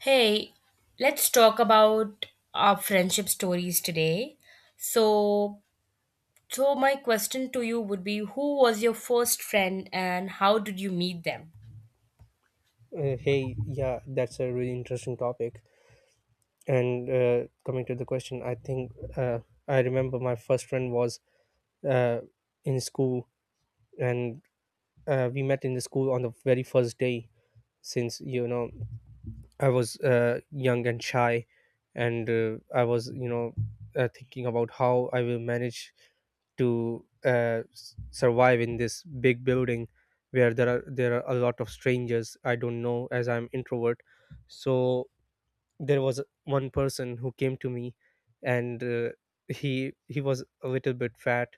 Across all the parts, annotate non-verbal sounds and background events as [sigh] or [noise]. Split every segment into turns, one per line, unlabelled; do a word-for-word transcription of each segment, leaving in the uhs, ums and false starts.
Hey, let's talk about our friendship stories today. So, so my question to you would be who was your first friend and how did you meet them?
Uh, hey, yeah, that's a really interesting topic. And uh, coming to the question, I think uh, I remember my first friend was uh, in school, and uh, we met in the school on the very first day. Since you know, I was uh, young and shy, and uh, I was you know uh, thinking about how I will manage to uh, s- survive in this big building where there are there are a lot of strangers I don't know as I'm introvert. So there was one person who came to me and uh, he he was a little bit fat,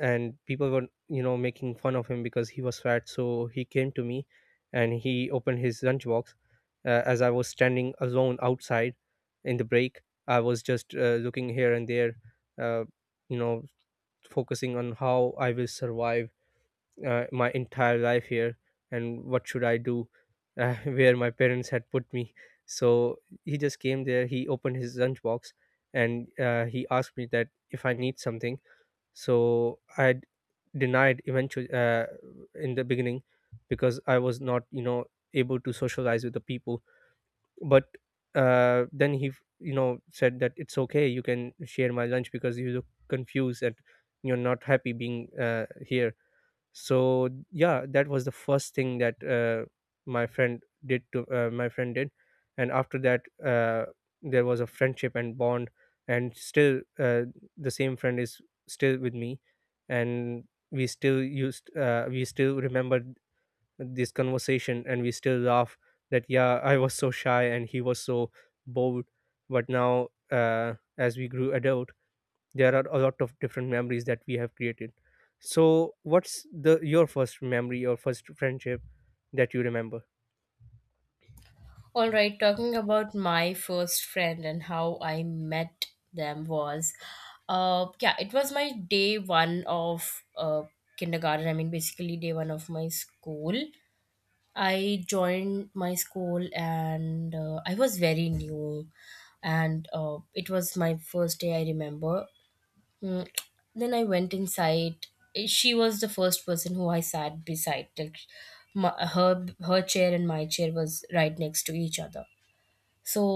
and people were you know making fun of him because he was fat, so he came to me and he opened his lunchbox. Uh, as I was standing alone outside in the break, I was just uh, looking here and there, uh, you know focusing on how I will survive uh, my entire life here and what should I do, uh, [laughs] where my parents had put me. So he just came there, he opened his lunch box, and uh, he asked me that if I need something. So i d- denied eventually, uh, in the beginning, because I was not you know able to socialize with the people. But uh, then he f- you know said that it's okay, you can share my lunch because you look confused and you're not happy being uh, here. So yeah, that was the first thing that uh, my friend did to uh, my friend did. And after that, uh, there was a friendship and bond, and still, uh, the same friend is still with me. And we still used uh, we still remember this conversation and we still laugh that yeah, I was so shy and he was so bold. But now, uh, as we grew adult, there are a lot of different memories that we have created. So what's the your first memory, your first friendship that you remember?
All right, talking about my first friend and how I met them was uh yeah, it was my day one of uh kindergarten. I mean basically day one of my school. I joined my school and uh, I was very new and uh, it was my first day I remember. Mm, Then I went inside. She was the first person who I sat beside. Like my, her her chair and my chair was right next to each other. So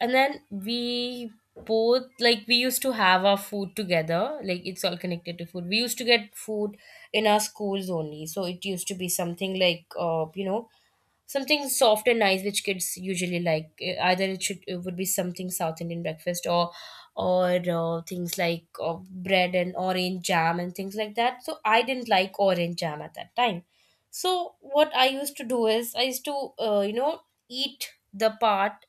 and then we both, like, we used to have our food together, like it's all connected to food. We used to get food in our schools only, so it used to be something like, uh, you know, something soft and nice which kids usually like. Eh, either it should, it would be something south indian breakfast or or uh, things like uh, bread and orange jam and things like that. So I didn't like orange jam at that time, so what I used to do is I used to, uh, you know, eat the part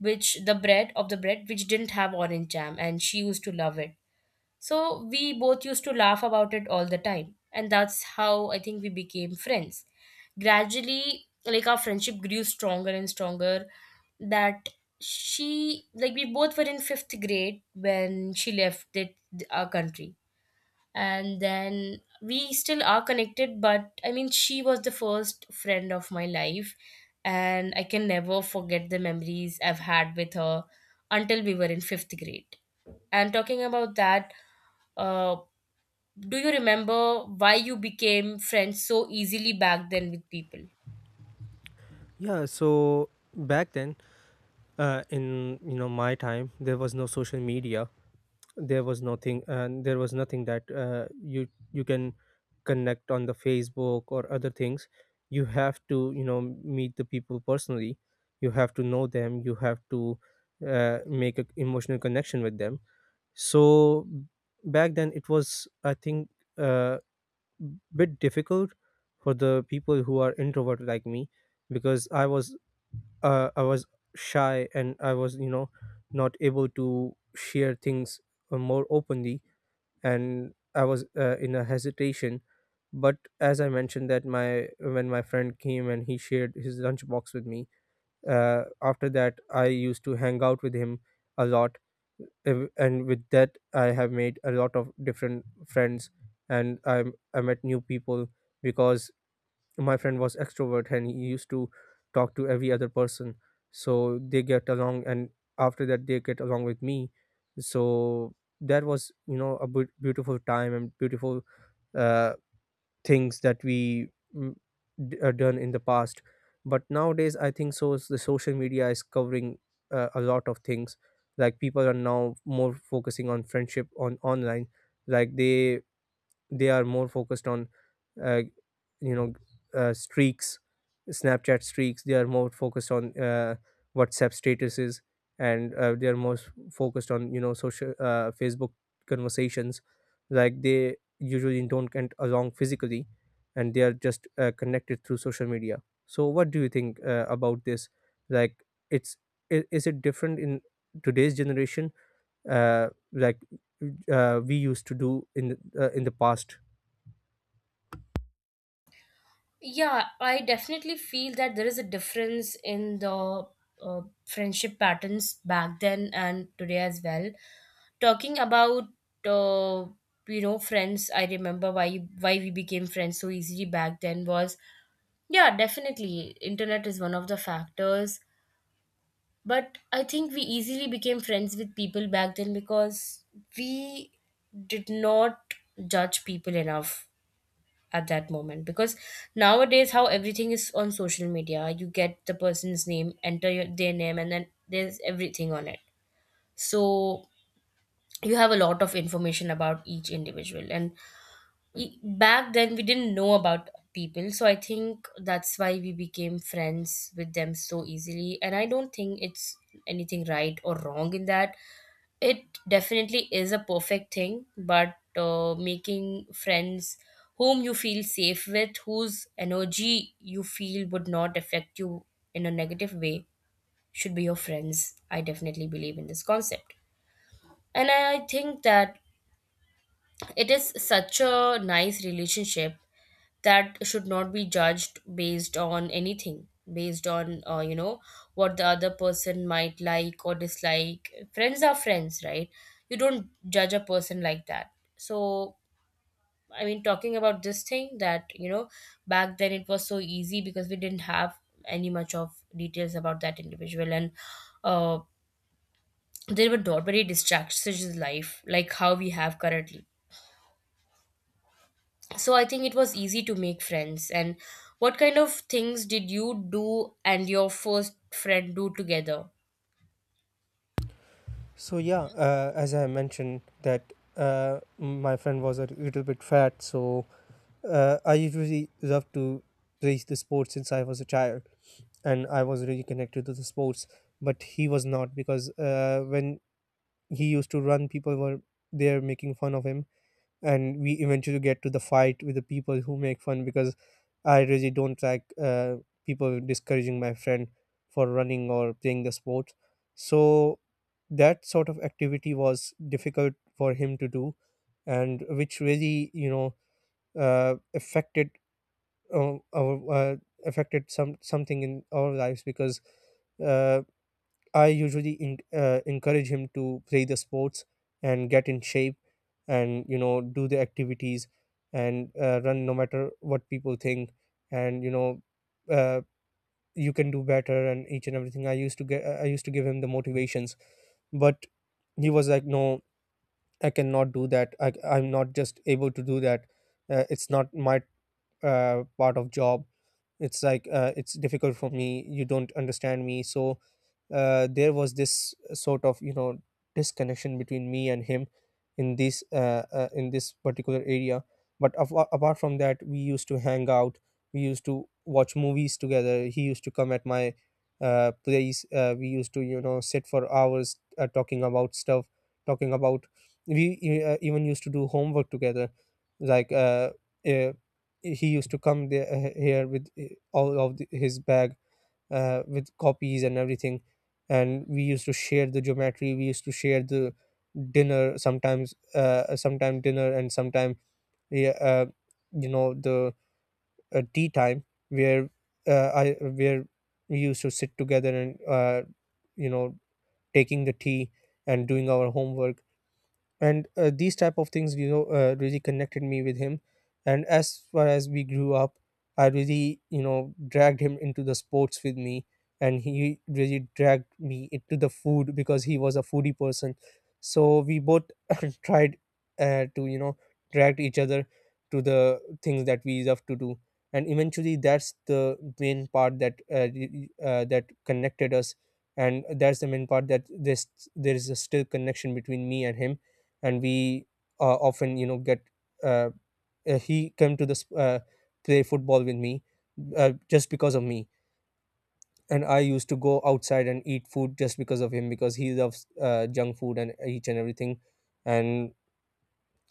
which the bread, of the bread which didn't have orange jam, and she used to love it, so we both used to laugh about it all the time. And that's how I think we became friends. Gradually, like, our friendship grew stronger and stronger. That she, like, we both were in fifth grade when she left it, our country, and then we still are connected. But I mean, she was the first friend of my life, and I can never forget the memories I've had with her until we were in fifth grade. And talking about that, uh, do you remember why you became friends so easily back then with people?
Yeah, so back then, uh, in you know my time, there was no social media, there was nothing, and there was nothing that uh, you you can connect on the Facebook or other things. You have to you know meet the people personally, you have to know them, you have to uh, make an emotional connection with them. So back then, it was, I think, a bit difficult for the people who are introvert like me, because i was uh, i was shy and I was you know not able to share things uh, more openly, and I was uh, in a hesitation. But as I mentioned, that my when my friend came and he shared his lunchbox with me, uh, after that I used to hang out with him a lot. Ev- and with that, I have made a lot of different friends, and i i met new people, because my friend was extrovert and he used to talk to every other person, so they get along, and after that they get along with me. So that was, you know a bu- beautiful time and beautiful uh, things that we mm, d- uh, done in the past. But nowadays, I think so is the social media is covering uh, a lot of things. Like, people are now more focusing on friendship on online, like they they are more focused on uh, you know uh, streaks, Snapchat streaks. They are more focused on uh, WhatsApp statuses, and uh, they are more s- focused on you know social, uh, Facebook conversations. Like, they usually don't get along physically, and they are just uh, connected through social media. So what do you think uh, about this? Like, it's i- is it different in today's generation, uh, like uh, we used to do in the, uh, in the past?
Yeah, I definitely feel that there is a difference in the uh, friendship patterns back then and today as well. Talking about, uh, you know, friends, I remember why why we became friends so easily back then was, yeah, definitely internet is one of the factors, but I think we easily became friends with people back then because we did not judge people enough at that moment. Because nowadays, how everything is on social media, you get the person's name, enter your, their name, and then there's everything on it. So you have a lot of information about each individual. And e- back then we didn't know about people, so I think that's why we became friends with them so easily. And I don't think it's anything right or wrong in that. It definitely is a perfect thing, but uh, making friends whom you feel safe with, whose energy you feel would not affect you in a negative way, should be your friends. I definitely believe in this concept. And I I think that it is such a nice relationship that should not be judged based on anything, based on, uh, you know, what the other person might like or dislike. Friends are friends, right? You don't judge a person like that. So I mean, talking about this thing that, you know, back then it was so easy because we didn't have any much of details about that individual. And uh, there were not very distractions in life like how we have currently. So I think it was easy to make friends. And what kind of things did you do and your first friend do together?
So yeah, uh, as I mentioned that uh, my friend was a little bit fat, so uh, I usually love to play the sports since I was a child, and I was really connected to the sports. But he was not, because uh, when he used to run, people were there making fun of him, and we eventually get to the fight with the people who make fun, because I really don't like uh, people discouraging my friend for running or playing the sport. So that sort of activity was difficult for him to do, and which really, you know uh, affected uh, our uh, affected some something in our lives, because uh, I usually in, uh, encourage him to play the sports and get in shape and you know do the activities and uh, run, no matter what people think. And you know uh, you can do better and each and everything. I used to get I used to give him the motivations. But he was like, no, I cannot do that. I, I'm not just able to do that. Uh, it's not my uh, part of job. It's like, uh, it's difficult for me, you don't understand me. So uh, there was this sort of, you know disconnection between me and him in this, uh, uh, in this particular area. But af- uh, apart from that, we used to hang out, we used to watch movies together. He used to come at my uh, place. Uh, we used to, you know sit for hours, uh, talking about stuff, talking about, we e, uh, even used to do homework together. Like, uh, uh, he used to come there, uh, here with, uh, all of the, his bag, uh, with copies and everything. And we used to share the geometry, we used to share the dinner sometimes uh, sometime dinner and sometime, yeah, uh, you know the uh, tea time, where uh, I where we used to sit together and, uh, you know taking the tea and doing our homework. And uh, these type of things, you know uh, really connected me with him. And as far as we grew up, I really, you know dragged him into the sports with me, and he really dragged me into the food because he was a foodie person. So we both [laughs] tried, uh, to you know drag each other to the things that we love to do. And eventually, that's the main part that uh, y- y- uh, that connected us, and that's the main part that this there is a still connection between me and him. And we uh, often, you know get, uh, uh, he came to this, uh, play football with me, uh, just because of me. And I used to go outside and eat food just because of him, because he loves uh, junk food and each and everything. And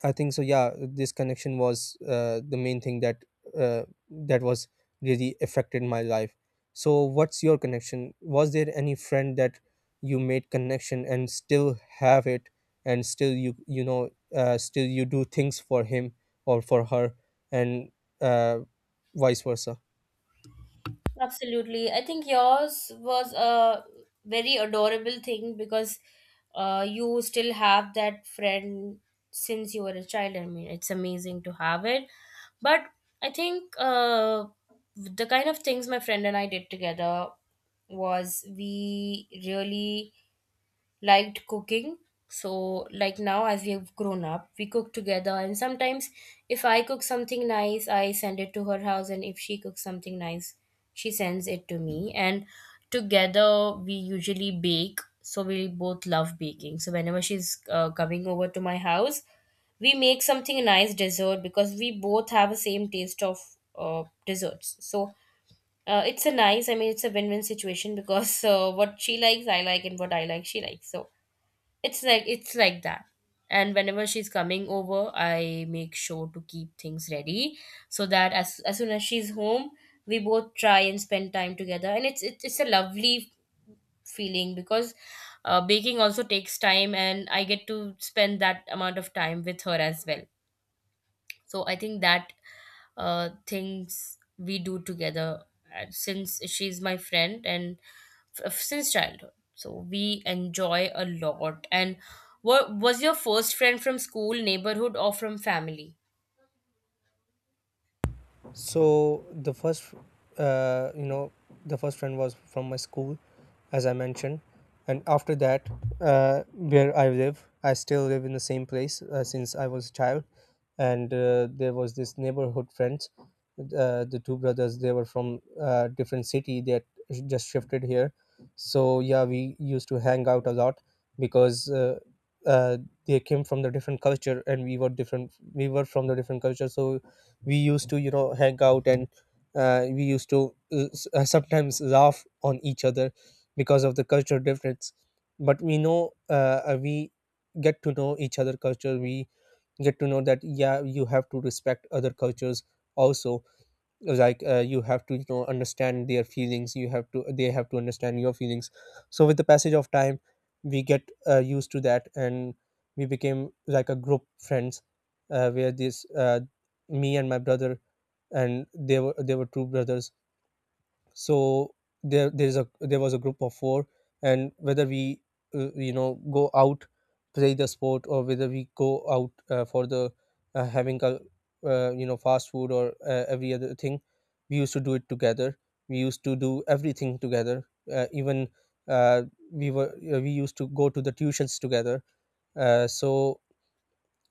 I think so. Yeah, this connection was uh, the main thing that uh, that was really affected my life. So, what's your connection? Was there any friend that you made connection and still have it, and still you you know uh, still you do things for him or for her, and uh, vice versa?
Absolutely. I think yours was a very adorable thing because, uh, you still have that friend since you were a child. I mean, it's amazing to have it. But I think uh, the kind of things my friend and I did together was we really liked cooking. So, like now, as we have grown up, we cook together. And sometimes, if I cook something nice, I send it to her house. And if she cooks something nice, she sends it to me. And together, we usually bake. So, we both love baking. So, whenever she's uh, coming over to my house, we make something nice dessert because we both have a same taste of uh, desserts. So, uh, it's a nice, I mean, it's a win win situation because, uh, what she likes, I like, and what I like, she likes. So, it's like it's like that. And whenever she's coming over, I make sure to keep things ready so that as as soon as she's home, we both try and spend time together. And it's it's, it's a lovely feeling because, uh, baking also takes time, and I get to spend that amount of time with her as well. So I think that uh, things we do together, uh, since she's my friend and f- since childhood, so we enjoy a lot. And what was your first friend, from school, neighborhood, or from family?
So the first, uh, you know, the first friend was from my school, as I mentioned. And after that, uh, where I live, I still live in the same place uh, since I was a child, and uh, there was this neighborhood friends, uh, the two brothers. They were from uh, different city. They just shifted here, so yeah, we used to hang out a lot because. Uh, uh, they came from the different culture, and we were different we were from the different culture. So we used to, you know hang out, and uh, we used to uh, s- uh, sometimes laugh on each other because of the cultural difference. But we know, uh, uh, we get to know each other culture, we get to know that yeah, you have to respect other cultures also. Like, uh, you have to, you know understand their feelings, you have to they have to understand your feelings. So with the passage of time, we get uh, used to that. And we became like a group friends, uh, where this uh, me and my brother, and they were they were two brothers. So there there's a there was a group of four. And whether we uh, you know go out, play the sport, or whether we go out uh, for the, uh, having a, uh, you know fast food, or uh, every other thing, we used to do it together, we used to do everything together. Uh, even, uh, we were uh, we used to go to the tuitions together. Uh, so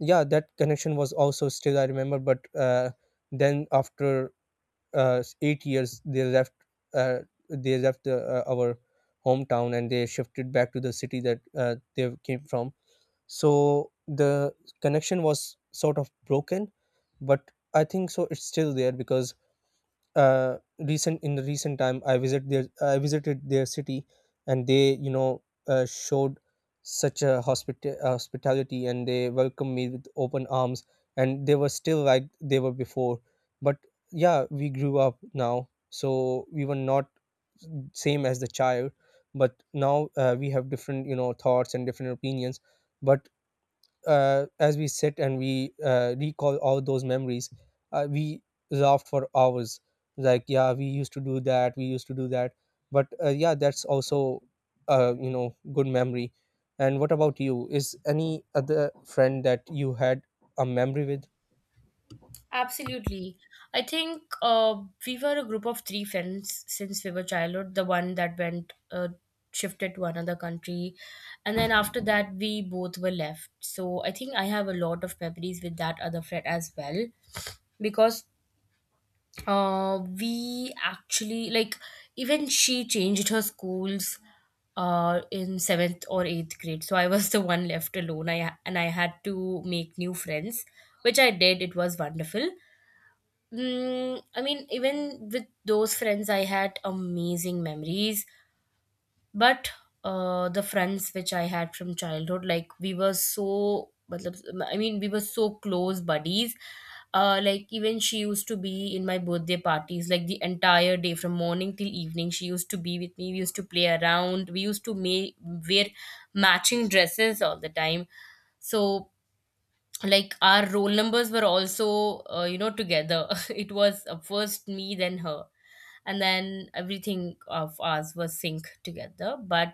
yeah, that connection was also still I remember. But uh, then after uh, eight years, they left. uh, they left the, uh, our hometown, and they shifted back to the city that uh, they came from. So the connection was sort of broken, but I think so it's still there, because uh, recent in the recent time, i visit their I visited their city, and they, you know uh, Showed such a hospita- hospitality, and they welcomed me with open arms, and they were still like they were before. But yeah, we grew up now, so we were not same as the child. But now uh, we have different, you know, thoughts and different opinions. But uh, as we sit and we uh, recall all those memories, uh, we laughed for hours. Like, yeah, we used to do that, we used to do that. But uh, yeah, that's also, uh, you know, good memory. And what about you? Is any other friend that you had a memory with?
Absolutely. I think uh, we were a group of three friends since we were childhood. The one that went uh, shifted to another country, and then after that, we both were left. So I think I have a lot of memories with that other friend as well, because uh, we actually, like, even she changed her schools uh in seventh or eighth grade, so I was [laughs] the one left alone, i, and I had to make new friends, which I did. It was wonderful. Mm, I mean, even with those friends, I had amazing memories. But uh, the friends which I had from childhood, like, we were so, matlab, I mean, we were so close buddies. Uh, like even she used to be in my birthday parties, like the entire day from morning till evening. She used to be with me. We used to play around. We used to make wear matching dresses all the time. So, like, our roll numbers were also, uh, you know, together. [laughs] It was, uh, first me then her, and then everything of ours was synced together. But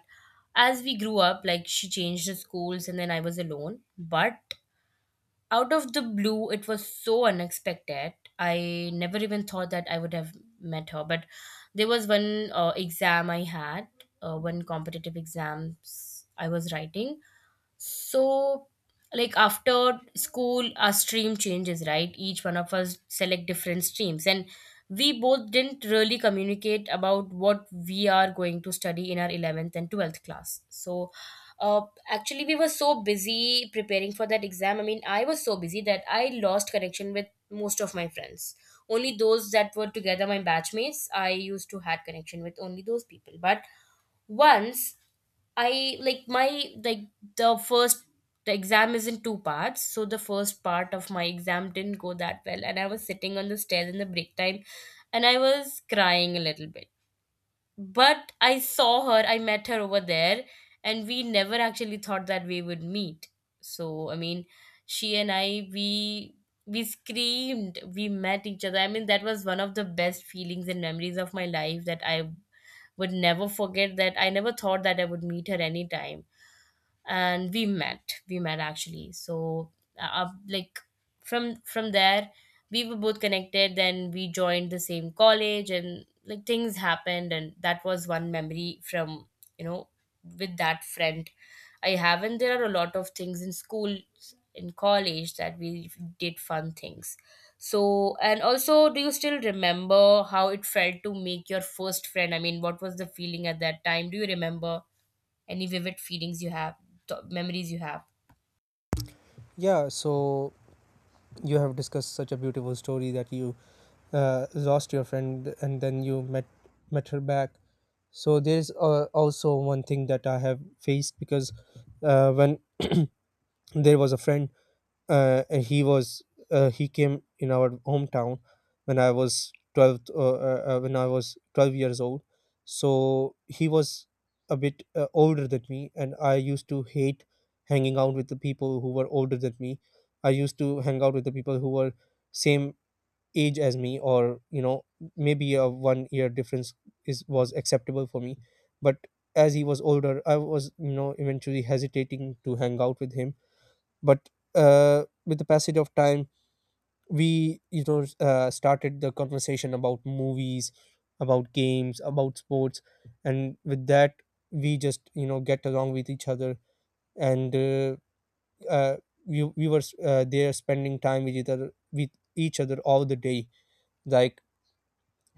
as we grew up, like she changed the schools and then I was alone. But out of the blue, it was so unexpected, I never even thought that I would have met her. But there was one uh, exam I had, uh, one competitive exams I was writing. So, like after school, our stream changes, right? Each one of us select different streams, and we both didn't really communicate about what we are going to study in our eleventh and twelfth class. So, uh, actually, we were so busy preparing for that exam. I mean, I was so busy that I lost connection with most of my friends. Only those that were together, my batchmates, I used to had connection with only those people. But once I like my like the first, the exam is in two parts, so the first part of my exam didn't go that well, and I was sitting on the stairs in the break time, and I was crying a little bit. But I saw her, I met her over there, and we never actually thought that we would meet. So I mean, she and I, we we screamed, we met each other. I mean, that was one of the best feelings and memories of my life that I would never forget. That I never thought that I would meet her anytime, and we met we met actually. So, uh, i, like, from from there we were both connected, then we joined the same college and like things happened. And that was one memory from, you know, with that friend I have. And there are a lot of things in school, in college, that we did fun things. So and also, do you still remember how it felt to make your first friend? I mean, what was the feeling at that time? Do you remember any vivid feelings you have, th- memories you have?
Yeah, so you have discussed such a beautiful story that you uh, lost your friend and then you met met her back. So there's uh, also one thing that I have faced. Because uh, when there was a friend, uh, and he was uh, he came in our hometown when I was twelve uh, uh, uh, when I was twelve years old. So he was a bit uh, older than me, and I used to hate hanging out with the people who were older than me. I used to hang out with the people who were same age as me, or you know, maybe a one year difference is was acceptable for me. But as he was older, I was, you know, eventually hesitating to hang out with him. But uh, with the passage of time, we, you know, uh, started the conversation about movies, about games, about sports. And with that, we just, you know, get along with each other. And uh, uh, we, we were uh, there spending time with each other with each other all the day. Like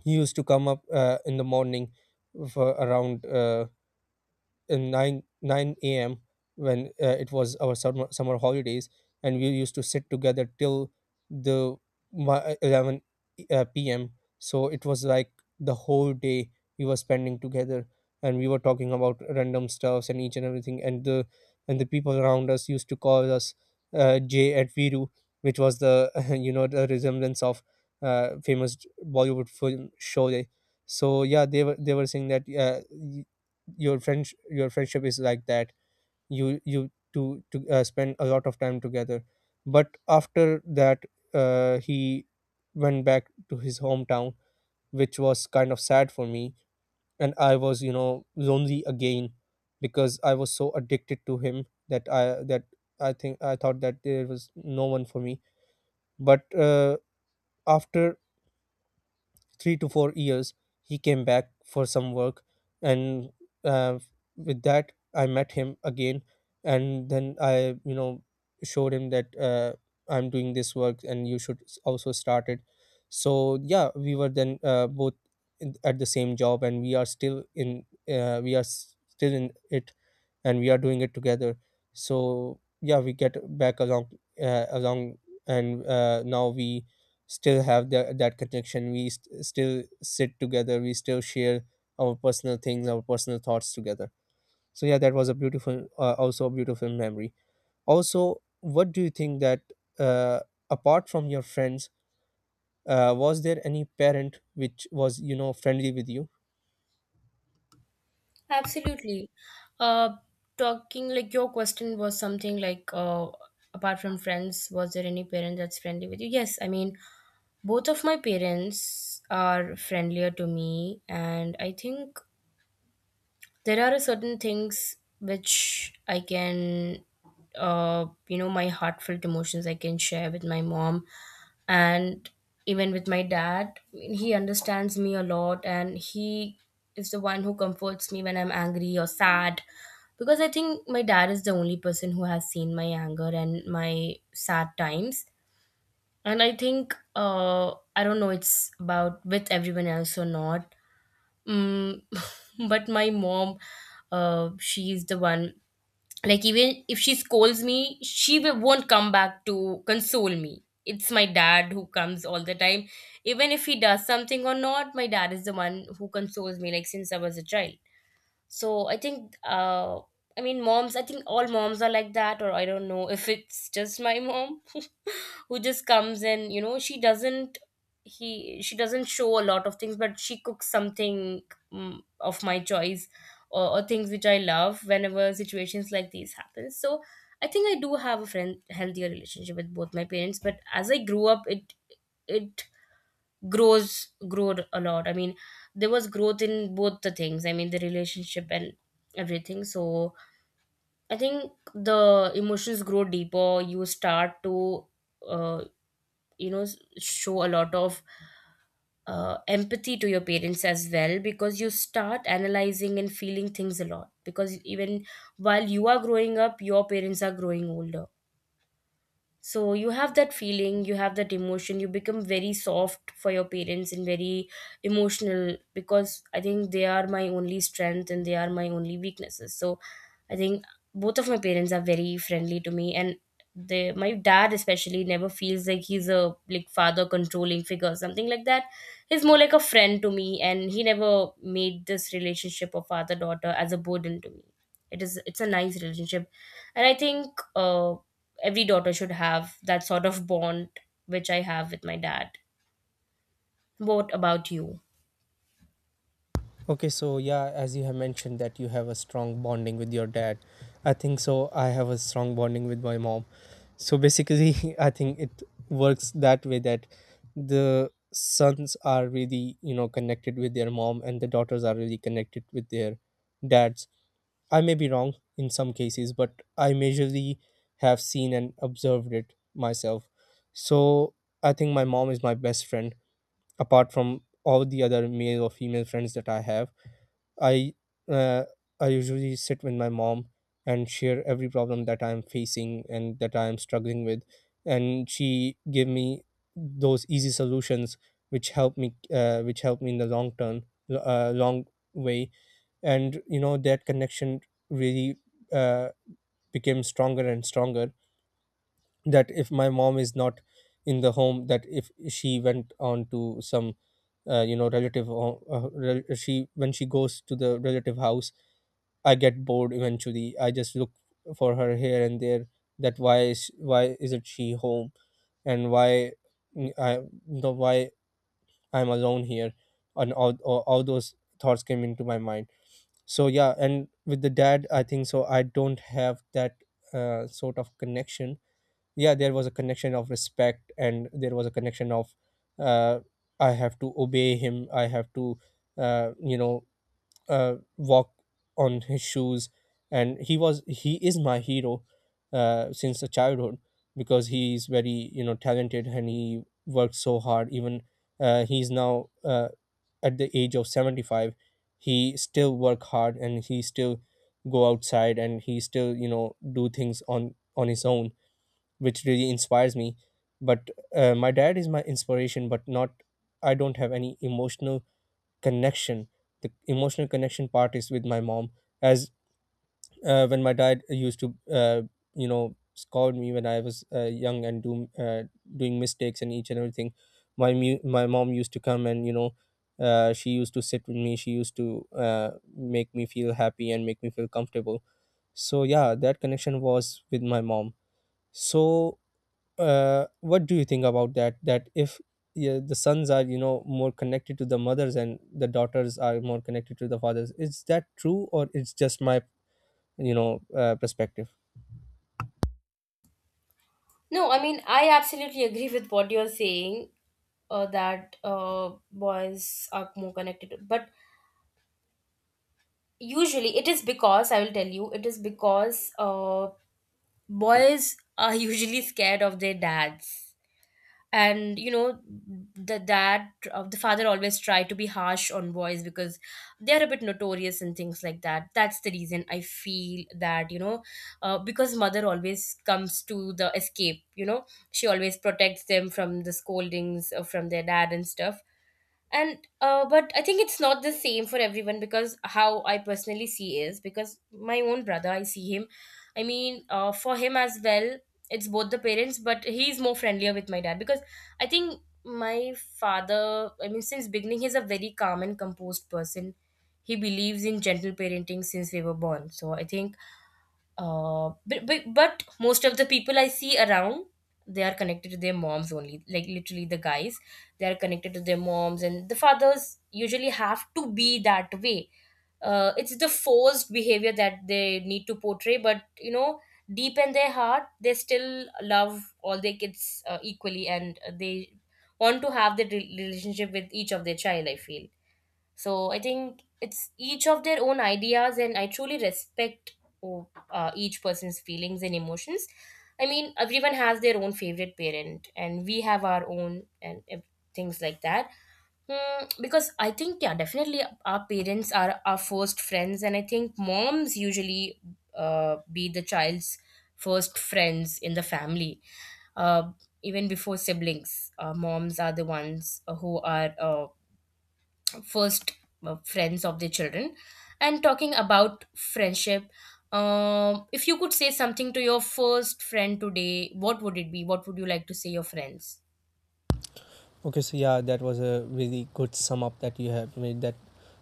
he used to come up uh, in the morning for around uh, in 9 9 a.m when uh, it was our summer summer holidays. And we used to sit together till the mi- eleven uh, p.m. So it was like the whole day we were spending together, and we were talking about random stuffs and each and everything. And the and the people around us used to call us uh, Jay at Viru, which was the [laughs] you know, the resemblance of uh, famous Bollywood film Sholay. So yeah, they were they were saying that uh, your friends your friendship is like that, you you to to uh, spend a lot of time together. But after that, uh, he went back to his hometown, which was kind of sad for me. And I was, you know, lonely again, because I was so addicted to him that i that I think I thought that there was no one for me. But uh, after three to four years, he came back for some work. And uh, with that, I met him again. And then I, you know, showed him that uh, I'm doing this work and you should s- also start it. So yeah, we were then uh, both in, at the same job, and we are still in, uh, we are s- still in it, and we are doing it together. So yeah, we get back along, uh, along. And uh, now we still have that that connection. We st- still sit together, we still share our personal things, our personal thoughts together. So yeah, that was a beautiful uh, also a beautiful memory. Also, what do you think that uh, apart from your friends, uh, was there any parent which was, you know, friendly with you?
Absolutely. Uh, talking, like, your question was something like, uh, apart from friends, was there any parent that's friendly with you? Yes, I mean, both of my parents are friendlier to me, and I think there are certain things which I can, uh, you know, my heartfelt emotions I can share with my mom and even with my dad. He understands me a lot, and he is the one who comforts me when I'm angry or sad. Because I think my dad is the only person who has seen my anger and my sad times. And I think, uh, I don't know, it's about with everyone else or not. Mm, [laughs] But my mom, uh, she is the one. Like even if she scolds me, she will, won't come back to console me. It's my dad who comes all the time. Even if he does something or not, my dad is the one who consoles me. Like since I was a child. So I think. Uh, I mean, moms. I think all moms are like that, or I don't know [laughs] if it's just my mom who just comes in, you know she doesn't he she doesn't show a lot of things, but she cooks something mm, of my choice or, or things which I love whenever situations like these happen. So I think I do have a friend healthier relationship with both my parents, but as I grew up it it grows growed a lot, I mean there was growth in both the things, I mean the relationship and everything. So I think the emotions grow deeper. You start to uh, you know s- show a lot of uh, empathy to your parents as well, because you start analyzing and feeling things a lot, because even while you are growing up your parents are growing older. So you have that feeling, you have that emotion, you become very soft for your parents and very emotional, because I think they are my only strength and they are my only weaknesses. So I think both of my parents are very friendly to me, and they, my dad especially, never feels like he's a like father controlling figure, something like that. He's more like a friend to me, and he never made this relationship of father daughter as a burden to me. It is it's a nice relationship. And I think uh every daughter should have that sort of bond which I have with my dad. What about you?
Okay, so yeah, as you have mentioned that you have a strong bonding with your dad. I think so. I have a strong bonding with my mom. So basically, [laughs] I think it works that way, that the sons are really, you know, connected with their mom, and the daughters are really connected with their dads. I may be wrong in some cases, but I majorly have seen and observed it myself. So I think my mom is my best friend apart from all the other male or female friends that I have. I uh, I usually sit with my mom and share every problem that I'm facing and that I'm struggling with, and she give me those easy solutions which help me, uh, which help me in the long term, uh, long way. And you know, that connection really uh, became stronger and stronger. That if my mom is not in the home, that if she went on to some uh, you know relative, ho- uh, rel- she when she goes to the relative house, I get bored eventually. I just look for her here and there. That why is why isn't she home, and why, mm, I the why I'm alone here, and all, all all those thoughts came into my mind. So yeah, and with the dad, I think so, I don't have that uh, sort of connection. Yeah, there was a connection of respect, and there was a connection of uh, I have to obey him. I have to uh, you know uh, walk on his shoes. And he was he is my hero uh, since a childhood, because he is very, you know, talented, and he worked so hard. Even uh, he's now uh, at the age of seventy-five, he still work hard, and he still go outside, and he still, you know, do things on on his own, which really inspires me. But uh, my dad is my inspiration, but not, I don't have any emotional connection. The emotional connection part is with my mom. As uh, when my dad used to uh, you know, scold me when I was uh, young and do, uh, doing mistakes and each and everything, my mu- my mom used to come and, you know, uh, she used to sit with me, she used to uh, make me feel happy and make me feel comfortable. So yeah, that connection was with my mom. So uh, what do you think about that, that if, yeah, the sons are, you know, more connected to the mothers, and the daughters are more connected to the fathers? Is that true, or it's just my, you know, uh, perspective?
No, I mean, I absolutely agree with what you're saying, uh, that uh, boys are more connected. But usually, it is because, I will tell you, it is because uh, boys are [laughs] usually scared of their dads. And you know the dad, uh, the father, always try to be harsh on boys because they are a bit notorious and things like that. That's the reason I feel that, you know uh, because mother always comes to the escape, you know, she always protects them from the scoldings uh, from their dad and stuff. And uh, but I think it's not the same for everyone, because how I personally see is because my own brother, I see him, I mean, uh, for him as well, it's both the parents, but he's more friendlier with my dad because I think my father, I mean since beginning he's a very calm and composed person. He believes in gentle parenting since we were born. So I think uh, but, but but most of the people I see around, they are connected to their moms only. Like literally, the guys, they are connected to their moms, and the fathers usually have to be that way. Uh, it's the forced behavior that they need to portray, but you know, deep in their heart, they still love all their kids uh, equally, and uh, they want to have the re- relationship with each of their child. I feel. So I think it's each of their own ideas, and I truly respect oh, uh, each person's feelings and emotions. I mean, everyone has their own favorite parent, and we have our own and ev- things like that. Hmm, because I think, yeah, definitely our parents are our first friends, and I think moms usually uh, be the child's first friends in the family. Uh, Even before siblings, uh, moms are the ones uh, who are. Uh, first uh, friends of the children. And talking about friendship, um, if you could say something to your first friend today, what would it be? What would you like to say your friends?
Okay, so yeah, that was a really good sum up that you have made, that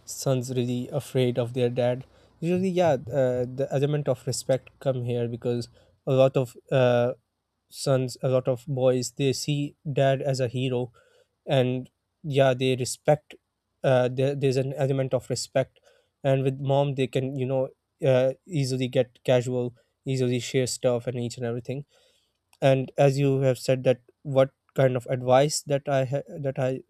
sons really afraid of their dad usually. Yeah, uh, the element of respect come here, because a lot of uh, sons, a lot of boys, they see dad as a hero. And yeah, they respect uh, there, there's an element of respect. And with mom, they can, you know, uh, easily get casual, easily share stuff and each and everything. And as you have said that what kind of advice that i ha- that I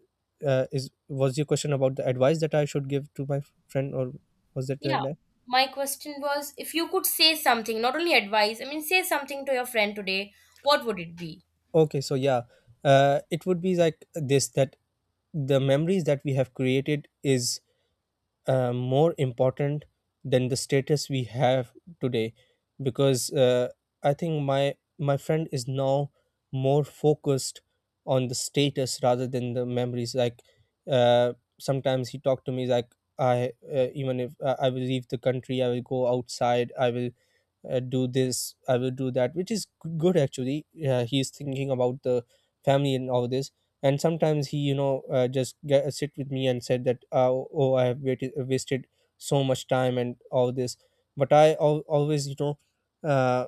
uh, is was your question about the advice that I should give to my friend, or was it like
Yeah,
that?
my question was, if you could say something, not only advice, I mean say something to your friend today, what would it be?
Okay, so yeah, uh, it would be like this, that the memories that we have created is uh, more important than the status we have today. Because uh, I think my my friend is now more focused on the status rather than the memories. Like uh, sometimes he talked to me like, I, uh, even if, uh, I will leave the country, I will go outside, I will uh, do this, I will do that, which is g- good actually, uh, he's thinking about the family and all this. And sometimes he, you know, uh, just get, uh, sit with me and said that, uh, oh, I have waited, wasted so much time and all this. But I al- always, you know, uh,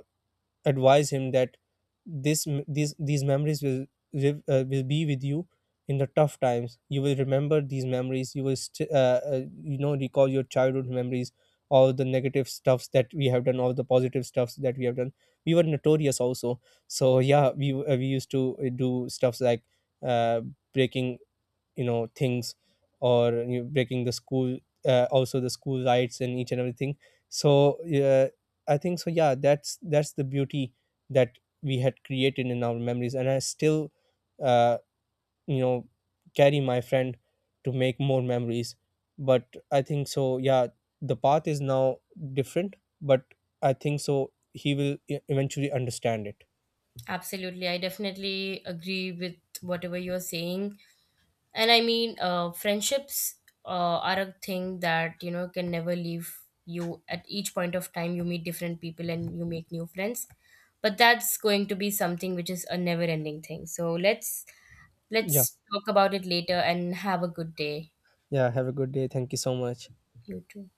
advise him that this, m- these these memories will live, uh, will be with you. In the tough times, you will remember these memories, you will st- uh, uh, you know, recall your childhood memories, all the negative stuffs that we have done, all the positive stuffs that we have done. We were notorious also. So yeah, we uh, we used to uh, do stuffs like uh, breaking, you know, things, or you know, breaking the school, uh, also the school rights and each and everything. So uh, I think so, yeah, that's that's the beauty that we had created in our memories. And I still, uh, you know, carry my friend to make more memories. But I think so, yeah, the path is now different. But I think so he will e- eventually understand it.
Absolutely, I definitely agree with whatever you're saying. And I mean, uh, friendships uh, are a thing that, you know, can never leave you. At each point of time you meet different people and you make new friends, but that's going to be something which is a never ending thing. So let's
yeah
let's talk about it later and have a good day.
yeah, have a good day. Thank you so much.
You too.